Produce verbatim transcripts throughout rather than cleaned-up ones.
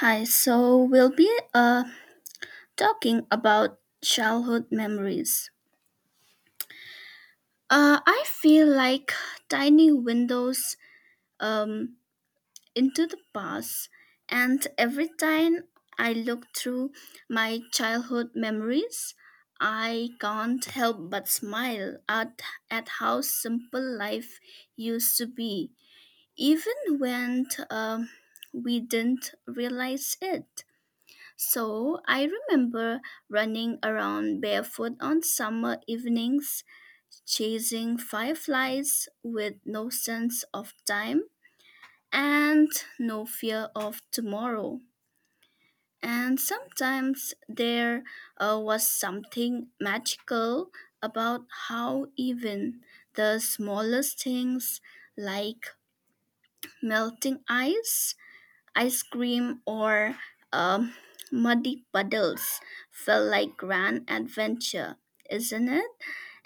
Hi, so we'll be uh, talking about childhood memories. Uh, I feel like tiny windows um, into the past, and every time I look through my childhood memories, I can't help but smile at, at how simple life used to be, even when um we didn't realize it. So I remember running around barefoot on summer evenings, chasing fireflies with no sense of time and no fear of tomorrow. And sometimes there uh, was something magical about how even the smallest things like melting ice ice cream, or um, muddy puddles felt like grand adventure, isn't it?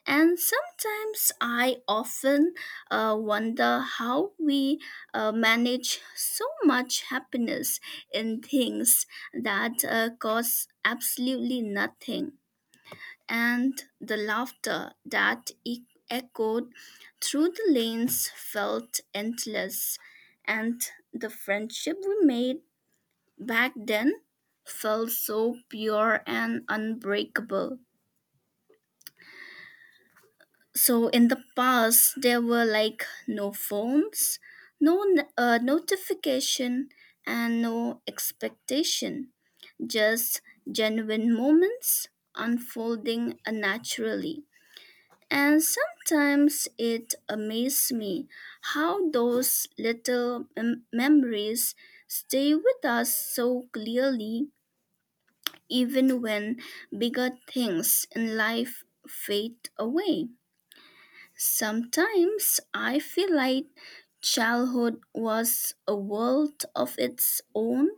And sometimes I often uh, wonder how we uh, manage so much happiness in things that uh, cost absolutely nothing. And the laughter that e- echoed through the lanes felt endless. And the friendship we made back then felt so pure and unbreakable. So in the past, there were like no phones, no n- uh, notification, and no expectation. Just genuine moments unfolding naturally. And sometimes it amazed me how those little mem- memories stay with us so clearly even when bigger things in life fade away. Sometimes I feel like childhood was a world of its own,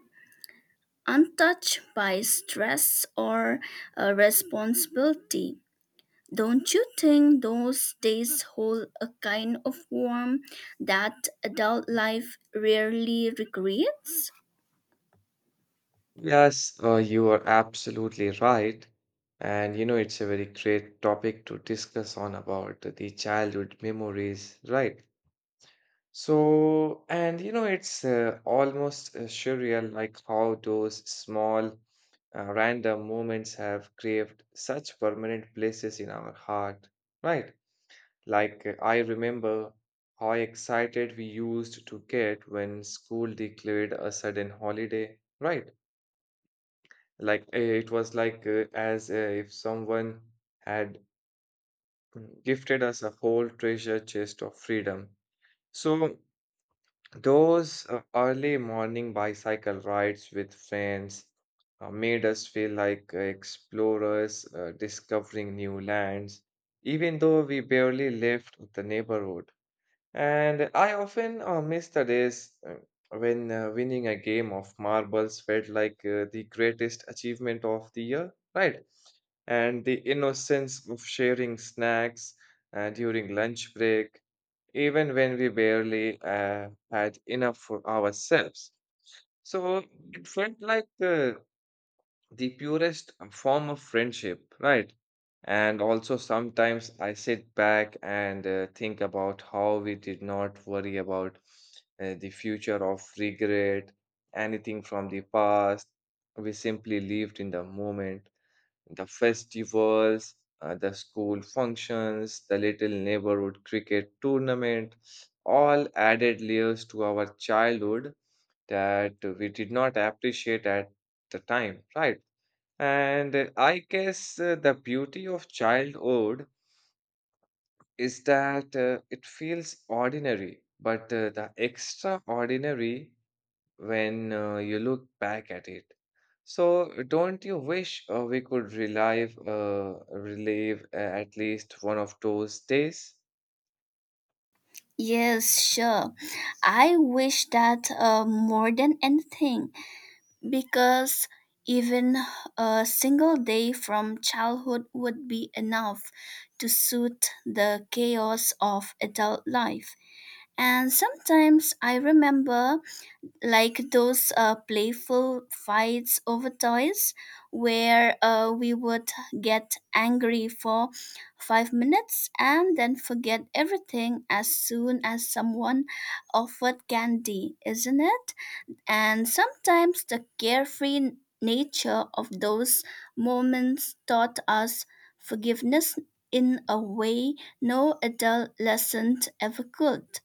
untouched by stress or uh, responsibility. Don't you think those days hold a kind of warmth that adult life rarely recreates? Yes, uh, you are absolutely right. And you know, it's a very great topic to discuss on about the childhood memories, right? So, and you know, it's uh, almost uh, surreal like how those small, uh, random moments have craved such permanent places in our heart, right? Like, uh, I remember how excited we used to get when school declared a sudden holiday, right? Like uh, it was like uh, as uh, if someone had mm, gifted us a whole treasure chest of freedom. So those uh, early morning bicycle rides with friends uh, made us feel like uh, explorers uh, discovering new lands, even though we barely left the neighborhood. And I often uh, miss the days uh, when uh, winning a game of marbles felt like uh, the greatest achievement of the year, right? And the innocence of sharing snacks uh, during lunch break, even when we barely uh, had enough for ourselves. So it felt like the the purest form of friendship, right? And also, sometimes I sit back and uh, think about how we did not worry about uh, the future of regret, anything from the past. We simply lived in the moment, the festivals, uh, the school functions, the little neighborhood cricket tournament, all added layers to our childhood that we did not appreciate at the time, right? And uh, I guess uh, the beauty of childhood is that uh, it feels ordinary, but uh, the extraordinary when uh, you look back at it. So, don't you wish uh, we could relive, uh, relive uh, at least one of those days? Yes, sure. I wish that uh, more than anything, because even a single day from childhood would be enough to soothe the chaos of adult life. And sometimes I remember like those uh, playful fights over toys where uh, we would get angry for five minutes and then forget everything as soon as someone offered candy, isn't it? And sometimes the carefree nature of those moments taught us forgiveness in a way no adolescent ever could.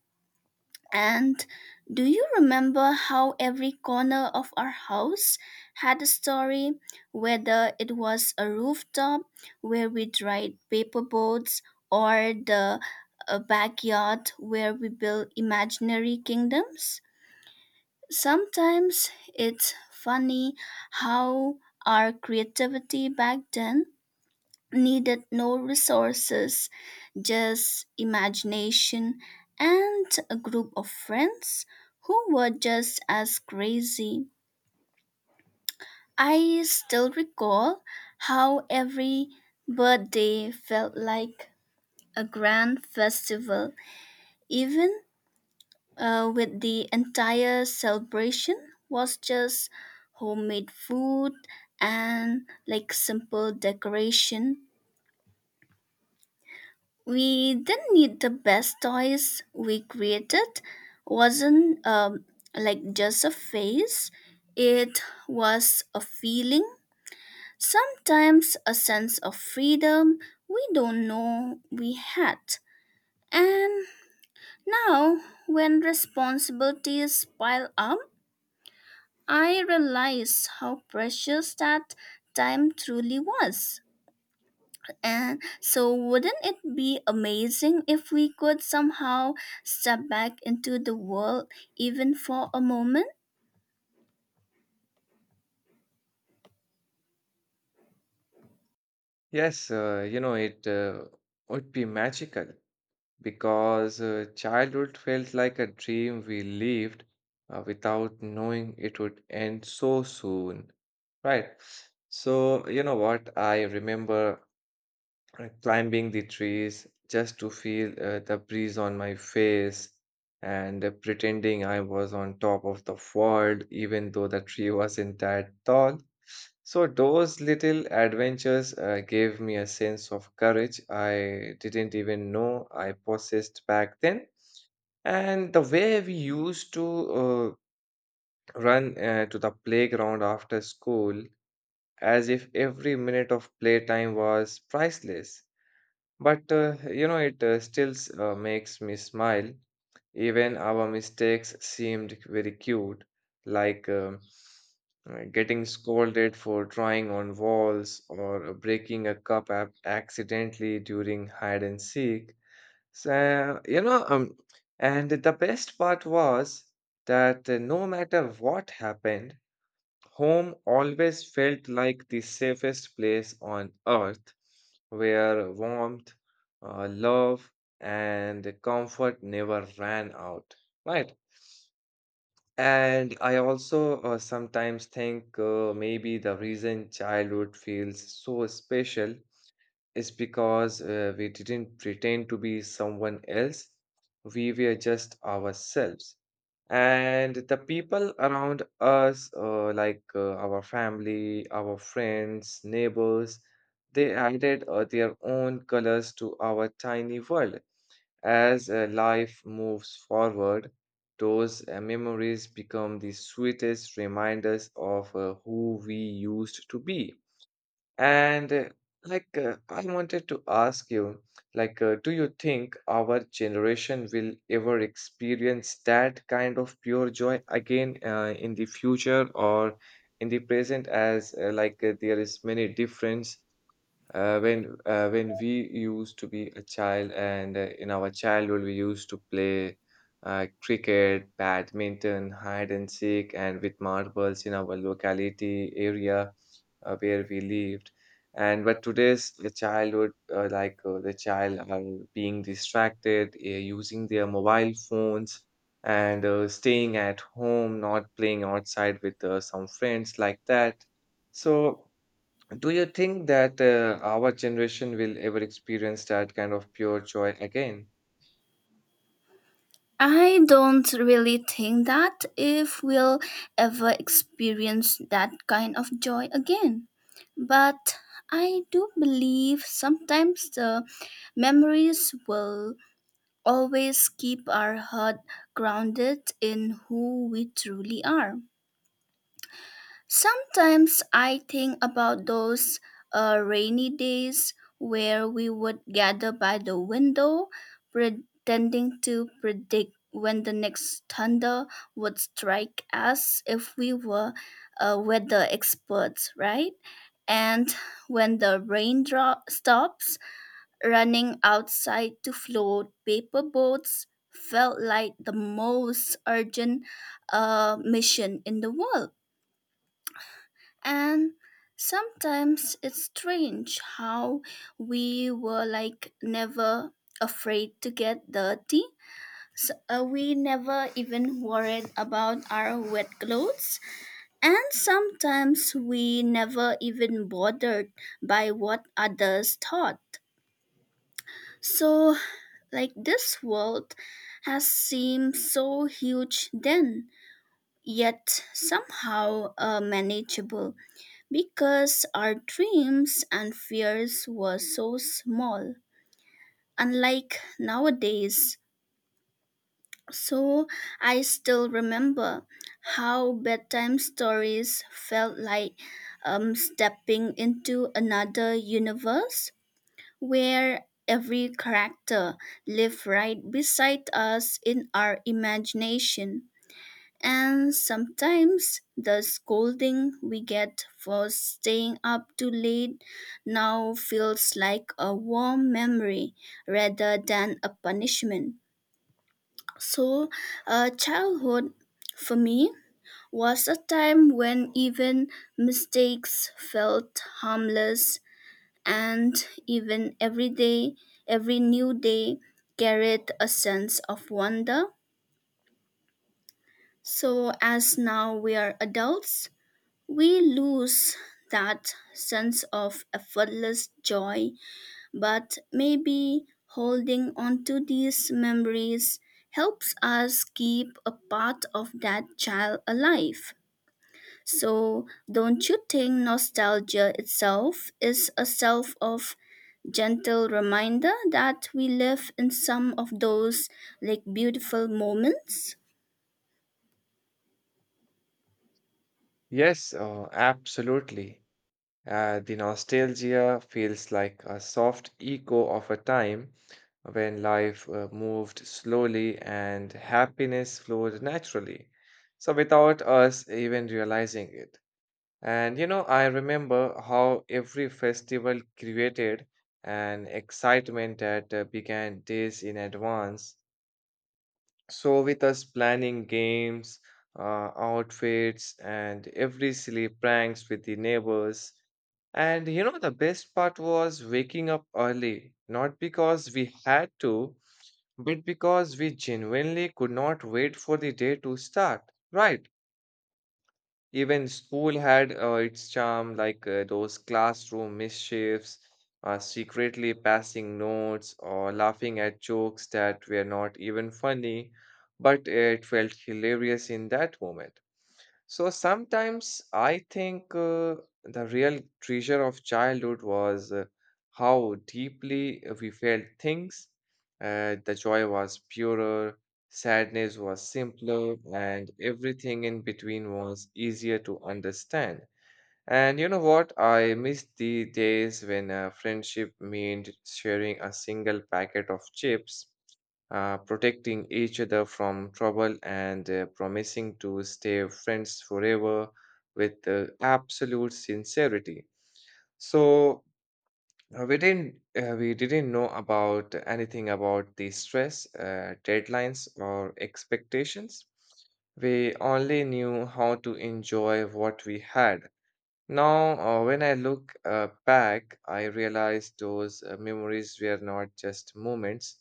And do you remember how every corner of our house had a story, whether it was a rooftop where we dried paper boats or the uh, backyard where we built imaginary kingdoms? Sometimes it's funny how our creativity back then needed no resources, just imagination and a group of friends who were just as crazy. I still recall how every birthday felt like a grand festival, even uh, with the entire celebration was just homemade food and like simple decoration. We didn't need the best toys we created. Wasn't um, like just a face. It was a feeling. Sometimes a sense of freedom we don't know we had. And now, when responsibilities pile up, I realized how precious that time truly was. And so, wouldn't it be amazing if we could somehow step back into the world even for a moment? Yes, uh, you know, it uh, would be magical, because uh, childhood felt like a dream we lived uh, without knowing it would end so soon, right? So, you know what? I remember uh, climbing the trees just to feel uh, the breeze on my face and uh, pretending I was on top of the world, even though the tree wasn't that tall. So, those little adventures uh, gave me a sense of courage I didn't even know I possessed back then. And the way we used to uh, run uh, to the playground after school, as if every minute of playtime was priceless. But uh, you know, it uh, still uh, makes me smile. Even our mistakes seemed very cute, like um, uh, getting scolded for drawing on walls or uh, breaking a cup ac- accidentally during hide and seek. So, you know, um, and the best part was that uh, no matter what happened, home always felt like the safest place on earth, where warmth, uh, love, and comfort never ran out, right? And I also uh, sometimes think uh, maybe the reason childhood feels so special is because uh, we didn't pretend to be someone else. We were just ourselves. And the people around us, uh, like uh, our family, our friends, neighbors, they added uh, their own colors to our tiny world. As uh, life moves forward, those uh, memories become the sweetest reminders of uh, who we used to be. And uh, like, uh, I wanted to ask you, like, uh, do you think our generation will ever experience that kind of pure joy again uh, in the future or in the present? As uh, like, uh, there is many difference uh, when uh, when we used to be a child, and uh, in our childhood we used to play uh, cricket, badminton, hide and seek, and with marbles in our locality area uh, where we lived. And but today's the childhood, uh, like uh, the child are being distracted, uh, using their mobile phones and uh, staying at home, not playing outside with uh, some friends like that. So. Do you think that uh, our generation will ever experience that kind of pure joy again? I don't really think that if we'll ever experience that kind of joy again. But I do believe sometimes the memories will always keep our heart grounded in who we truly are. Sometimes I think about those uh, rainy days where we would gather by the window, pretending to predict when the next thunder would strike us if we were uh, weather experts, right? And when the rain dro- stops, running outside to float paper boats felt like the most urgent uh, mission in the world. And sometimes it's strange how we were like never afraid to get dirty. So, uh, we never even worried about our wet clothes. And sometimes we never even bothered by what others thought. So, like, this world has seemed so huge then, yet somehow uh, manageable because our dreams and fears were so small, unlike nowadays. So I still remember how bedtime stories felt like um, stepping into another universe where every character lived right beside us in our imagination. And sometimes the scolding we get for staying up too late now feels like a warm memory rather than a punishment. So, uh, childhood for me was a time when even mistakes felt harmless and even every day, every new day carried a sense of wonder. So, as now we are adults, we lose that sense of effortless joy, but maybe holding on to these memories helps us keep a part of that child alive. So, don't you think nostalgia itself is a self of gentle reminder that we live in some of those like beautiful moments? Yes, uh, absolutely. Uh, the nostalgia feels like a soft echo of a time when life uh, moved slowly and happiness flowed naturally, so, without us even realizing it. And you know, I remember how every festival created an excitement that uh, began days in advance, so, with us planning games, uh, outfits, and every silly pranks with the neighbors. And you know, the best part was waking up early, not because we had to, but because we genuinely could not wait for the day to start, right? Even school had uh, its charm, like uh, those classroom mischiefs, uh, secretly passing notes or laughing at jokes that were not even funny, but uh, it felt hilarious in that moment. So sometimes I think uh, the real treasure of childhood was uh, how deeply we felt things. Uh, the joy was purer, sadness was simpler, and everything in between was easier to understand. And you know what? I miss the days when uh, friendship meant sharing a single packet of chips, uh, protecting each other from trouble, and uh, promising to stay friends forever with uh, absolute sincerity. So uh, we didn't uh, we didn't know about anything about the stress, uh, deadlines, or expectations. We only knew how to enjoy what we had now. Uh, when I look uh, back, I realize those uh, memories were not just moments,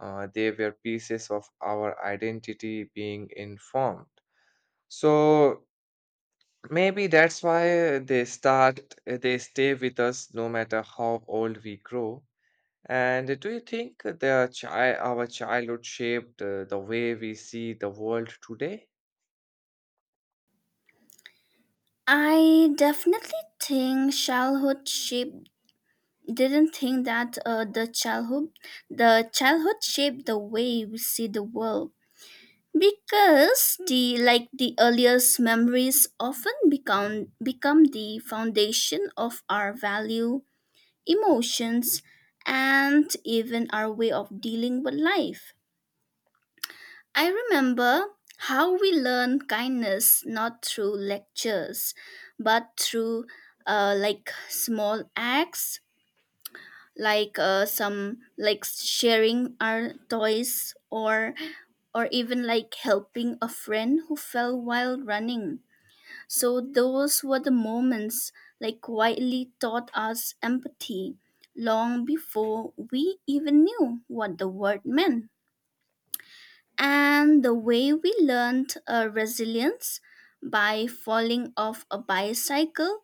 uh, they were pieces of our identity being informed. So maybe that's why they start, they stay with us no matter how old we grow. And do you think their chi- our childhood shaped uh, the way we see the world today? I definitely think childhood shaped didn't think that uh, the childhood the childhood shaped the way we see the world because the like the earliest memories often become become the foundation of our value emotions, and even our way of dealing with life. I remember how we learn kindness not through lectures, but through uh, like small acts, like uh, some like sharing our toys or or even like helping a friend who fell while running. So those were the moments like quietly taught us empathy long before we even knew what the word meant. And the way we learned uh, resilience by falling off a bicycle,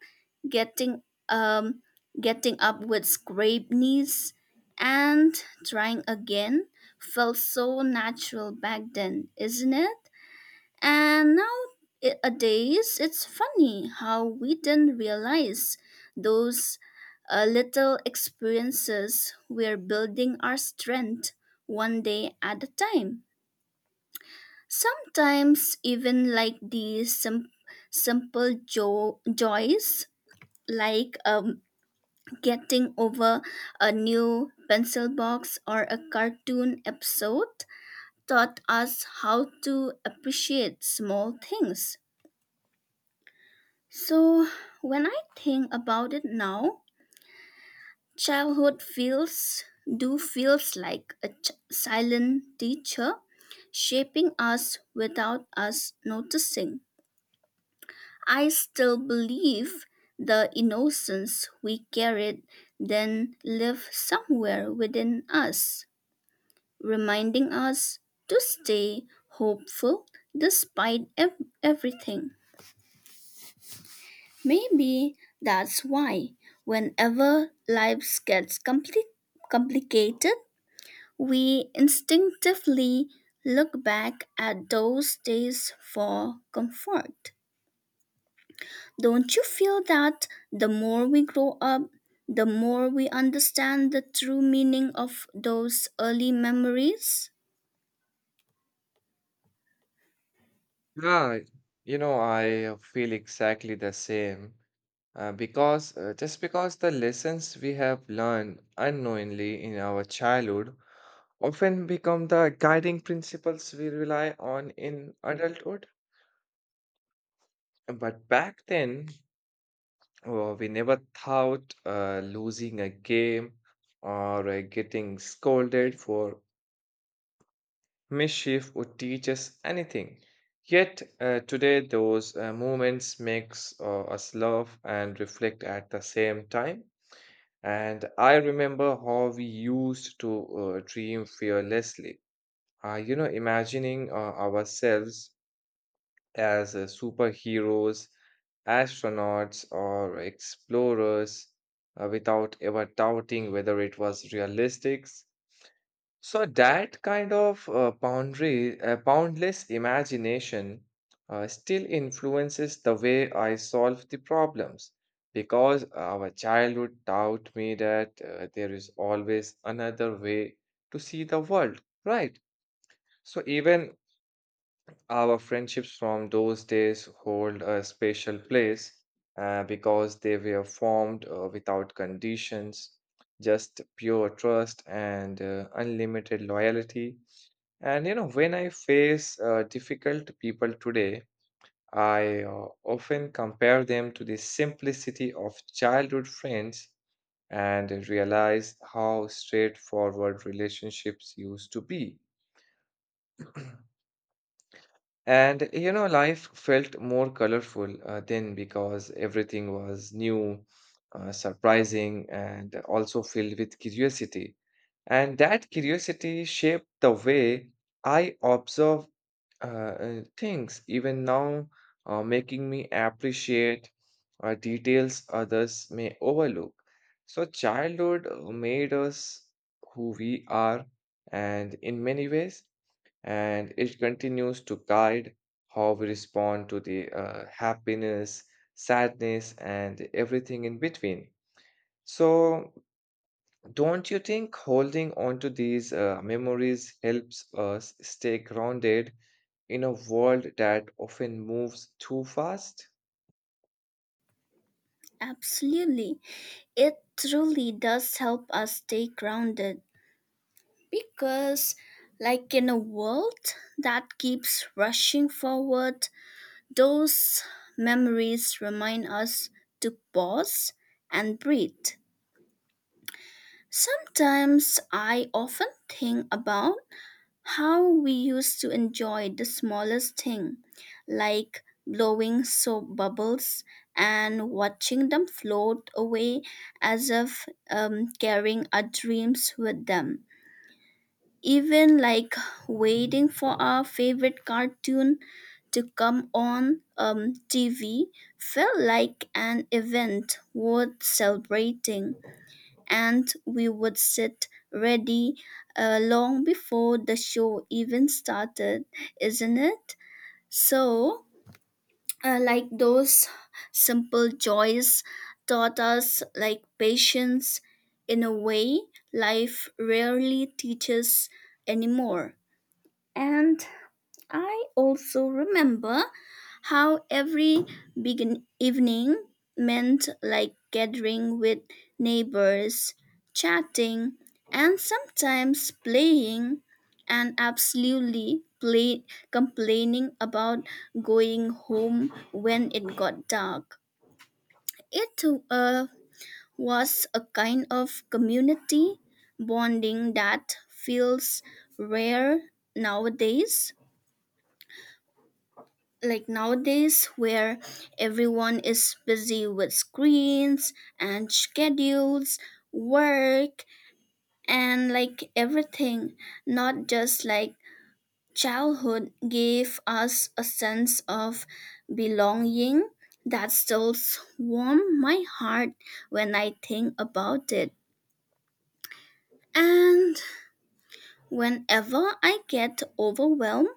getting um, getting up with scraped knees, and trying again felt so natural back then, isn't it? And nowadays, it's funny how we didn't realize those uh, little experiences we're building our strength one day at a time. Sometimes, even like these sim- simple jo- joys, like um, getting over a new pencil box or a cartoon episode, taught us how to appreciate small things. So when I think about it now, childhood feels do feels like a ch- silent teacher shaping us without us noticing. I still believe the innocence we carried then live somewhere within us, reminding us to stay hopeful despite ev- everything. Maybe that's why, whenever life gets compli- complicated, we instinctively look back at those days for comfort. Don't you feel that the more we grow up, the more we understand the true meaning of those early memories? Yeah, you know, I uh, feel exactly the same uh, because uh, just because the lessons we have learned unknowingly in our childhood often become the guiding principles we rely on in adulthood. But back then, uh, we never thought uh, losing a game or uh, getting scolded for mischief would teach us anything. Yet uh, today, those uh, moments makes uh, us laugh and reflect at the same time. And I remember how we used to uh, dream fearlessly. Uh, you know, imagining uh, ourselves as uh, superheroes, astronauts, or explorers uh, without ever doubting whether it was realistic. So that kind of uh, boundary, uh, boundless imagination uh, still influences the way I solve the problems, because our childhood taught me that uh, there is always another way to see the world, right? So even our friendships from those days hold a special place uh, because they were formed uh, without conditions, just pure trust and uh, unlimited loyalty. And you know, when I face uh, difficult people today, I uh, often compare them to the simplicity of childhood friends and realize how straightforward relationships used to be. And you know, life felt more colorful uh, then, because everything was new, uh, surprising, and also filled with curiosity. And that curiosity shaped the way I observe uh, uh, things, even now, uh, making me appreciate uh, details others may overlook. So, childhood uh, made us who we are, and in many ways, and it continues to guide how we respond to the uh, happiness, sadness, and everything in between. So, don't you think holding on to these uh, memories helps us stay grounded in a world that often moves too fast? Absolutely. It truly does help us stay grounded, because, like, in a world that keeps rushing forward, those memories remind us to pause and breathe. Sometimes I often think about how we used to enjoy the smallest thing, like blowing soap bubbles and watching them float away as if um, carrying our dreams with them. Even like waiting for our favorite cartoon to come on um, T V felt like an event worth celebrating, and we would sit ready uh, long before the show even started, isn't it? So, uh, like those simple joys taught us like patience in a way life rarely teaches anymore. And I also remember how every big evening meant like gathering with neighbors, chatting, and sometimes playing, and absolutely play, complaining about going home when it got dark. It uh, was a kind of community bonding that feels rare nowadays. Like nowadays where everyone is busy with screens and schedules work and like everything not just like childhood gave us a sense of belonging that still warm my heart when I think about it. And whenever I get overwhelmed,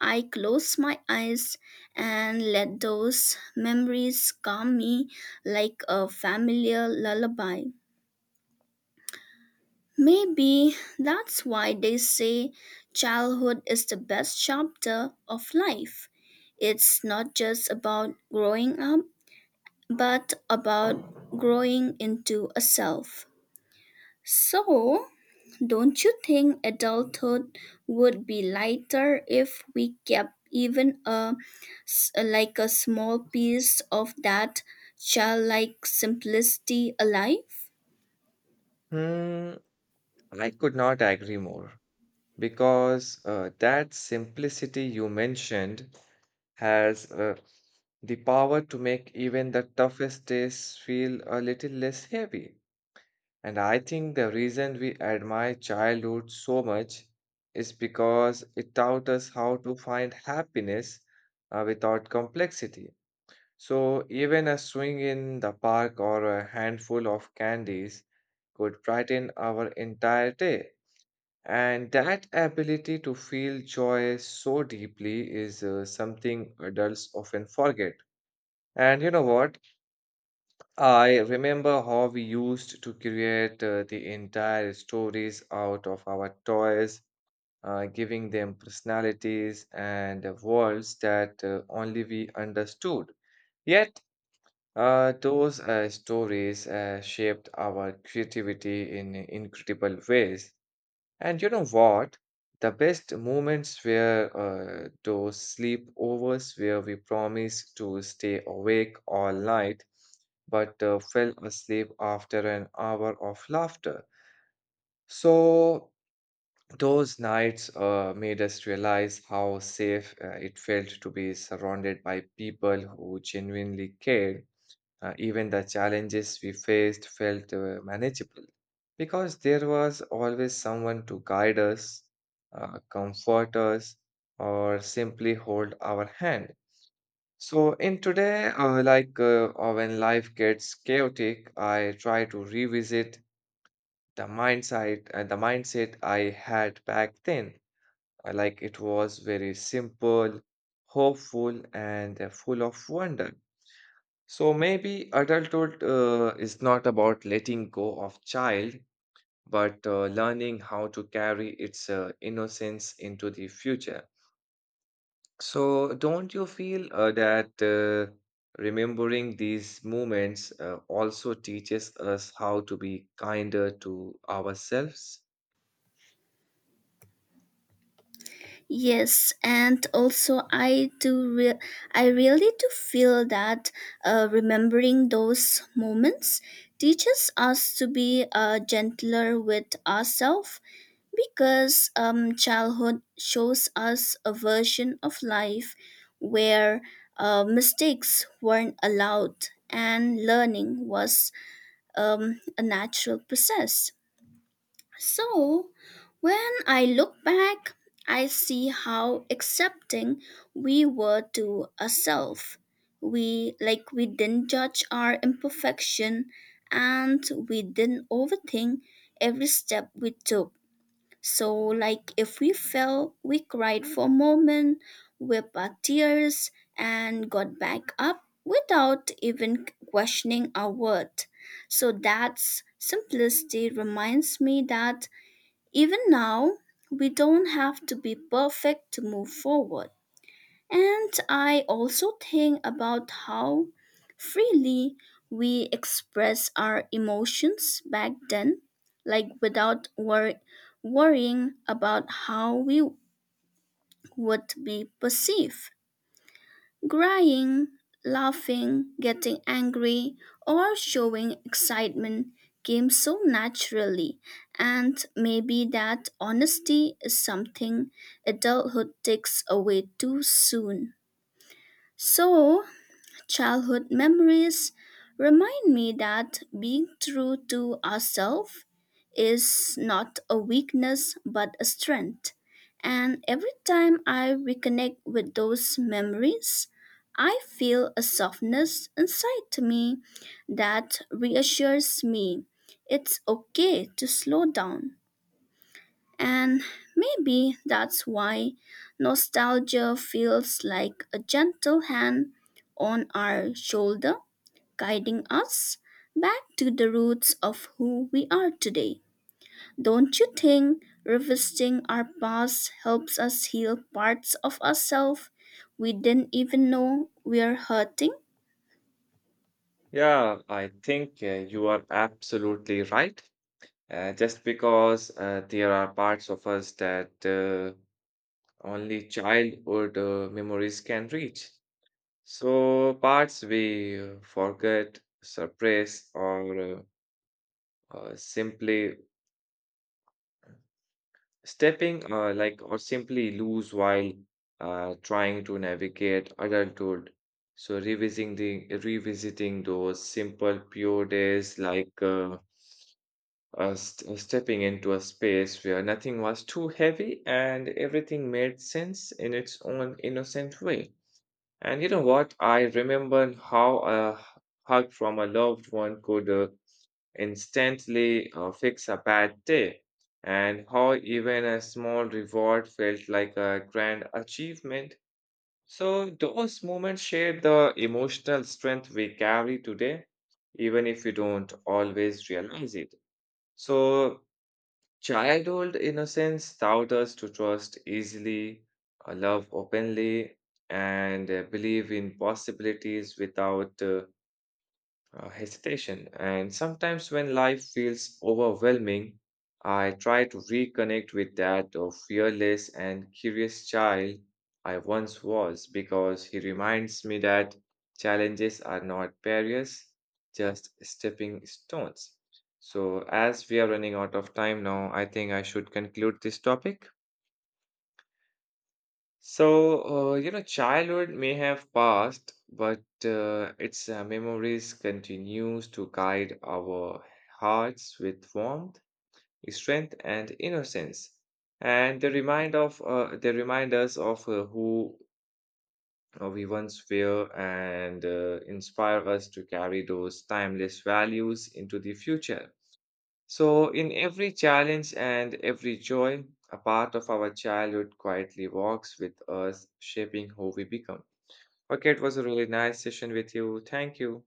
I close my eyes and let those memories calm me like a familiar lullaby. Maybe that's why they say childhood is the best chapter of life. It's not just about growing up, but about growing into a self. So, don't you think adulthood would be lighter if we kept even a s- like a small piece of that childlike simplicity alive? Hmm, I could not agree more because uh, that simplicity you mentioned has uh, the power to make even the toughest days feel a little less heavy. And I think the reason we admire childhood so much is because it taught us how to find happiness uh, without complexity. So, even a swing in the park or a handful of candies could brighten our entire day. And that ability to feel joy so deeply is uh, something adults often forget. And you know what? I remember how we used to create uh, the entire stories out of our toys, uh, giving them personalities and uh, worlds that uh, only we understood. Yet, uh, those uh, stories uh, shaped our creativity in incredible ways. And you know what? The best moments were uh, those sleepovers where we promised to stay awake all night but uh, fell asleep after an hour of laughter. So, those nights uh, made us realize how safe uh, it felt to be surrounded by people who genuinely cared. Uh, even the challenges we faced felt uh, manageable because there was always someone to guide us, uh, comfort us, or simply hold our hand. So, in today, uh, like uh, uh, when life gets chaotic, I try to revisit the mindset, uh, the mindset I had back then. Uh, like it was very simple, hopeful, and uh, full of wonder. So maybe adulthood uh, is not about letting go of child, but uh, learning how to carry its uh, innocence into the future. So don't you feel uh, that uh, remembering these moments uh, also teaches us how to be kinder to ourselves? Yes, and also I do re- I really do feel that uh, remembering those moments teaches us to be uh, gentler with ourselves, because um, childhood shows us a version of life where uh, mistakes weren't allowed and learning was um, a natural process. So, when I look back, I see how accepting we were to ourselves. We like we didn't judge our imperfection and we didn't overthink every step we took so, like, if we fell, we cried for a moment, wiped our tears, and got back up without even questioning our worth. So, that's simplicity reminds me that even now, we don't have to be perfect to move forward. And I also think about how freely we express our emotions back then, like without wor- worrying about how we would be perceived. Crying, laughing, getting angry, or showing excitement came so naturally, and maybe that honesty is something adulthood takes away too soon. So, childhood memories remind me that being true to ourselves is not a weakness but a strength. And every time I reconnect with those memories, I feel a softness inside to me that reassures me it's okay to slow down. And maybe that's why nostalgia feels like a gentle hand on our shoulder, guiding us back to the roots of who we are today. Don't you think revisiting our past helps us heal parts of ourselves we didn't even know we're hurting? Yeah, I think uh, you are absolutely right. Uh, just because uh, there are parts of us that uh, only childhood uh, memories can reach. So, parts we uh, forget, suppress, or uh, uh, simply stepping, uh, like, or simply lose while uh, trying to navigate adulthood. So, revisiting the revisiting those simple, pure days, like uh, uh, st- stepping into a space where nothing was too heavy and everything made sense in its own innocent way. And you know what? I remember how a hug from a loved one could uh, instantly uh, fix a bad day, and how even a small reward felt like a grand achievement. So, those moments share the emotional strength we carry today, even if we don't always realize it. So, childhood innocence taught us to trust easily, uh, love openly, and uh, believe in possibilities without uh, uh, hesitation. And sometimes when life feels overwhelming, I try to reconnect with that of fearless and curious child I once was, because he reminds me that challenges are not barriers, just stepping stones. So, as we are running out of time now, I think I should conclude this topic. So, uh, you know, childhood may have passed, but uh, its uh, memories continues to guide our hearts with warmth, strength, and innocence. And they remind of uh, they remind us of uh, who uh, we once were and uh, inspire us to carry those timeless values into the future. So, in every challenge and every joy, a part of our childhood quietly walks with us, shaping who we become. Okay, it was a really nice session with you. Thank you.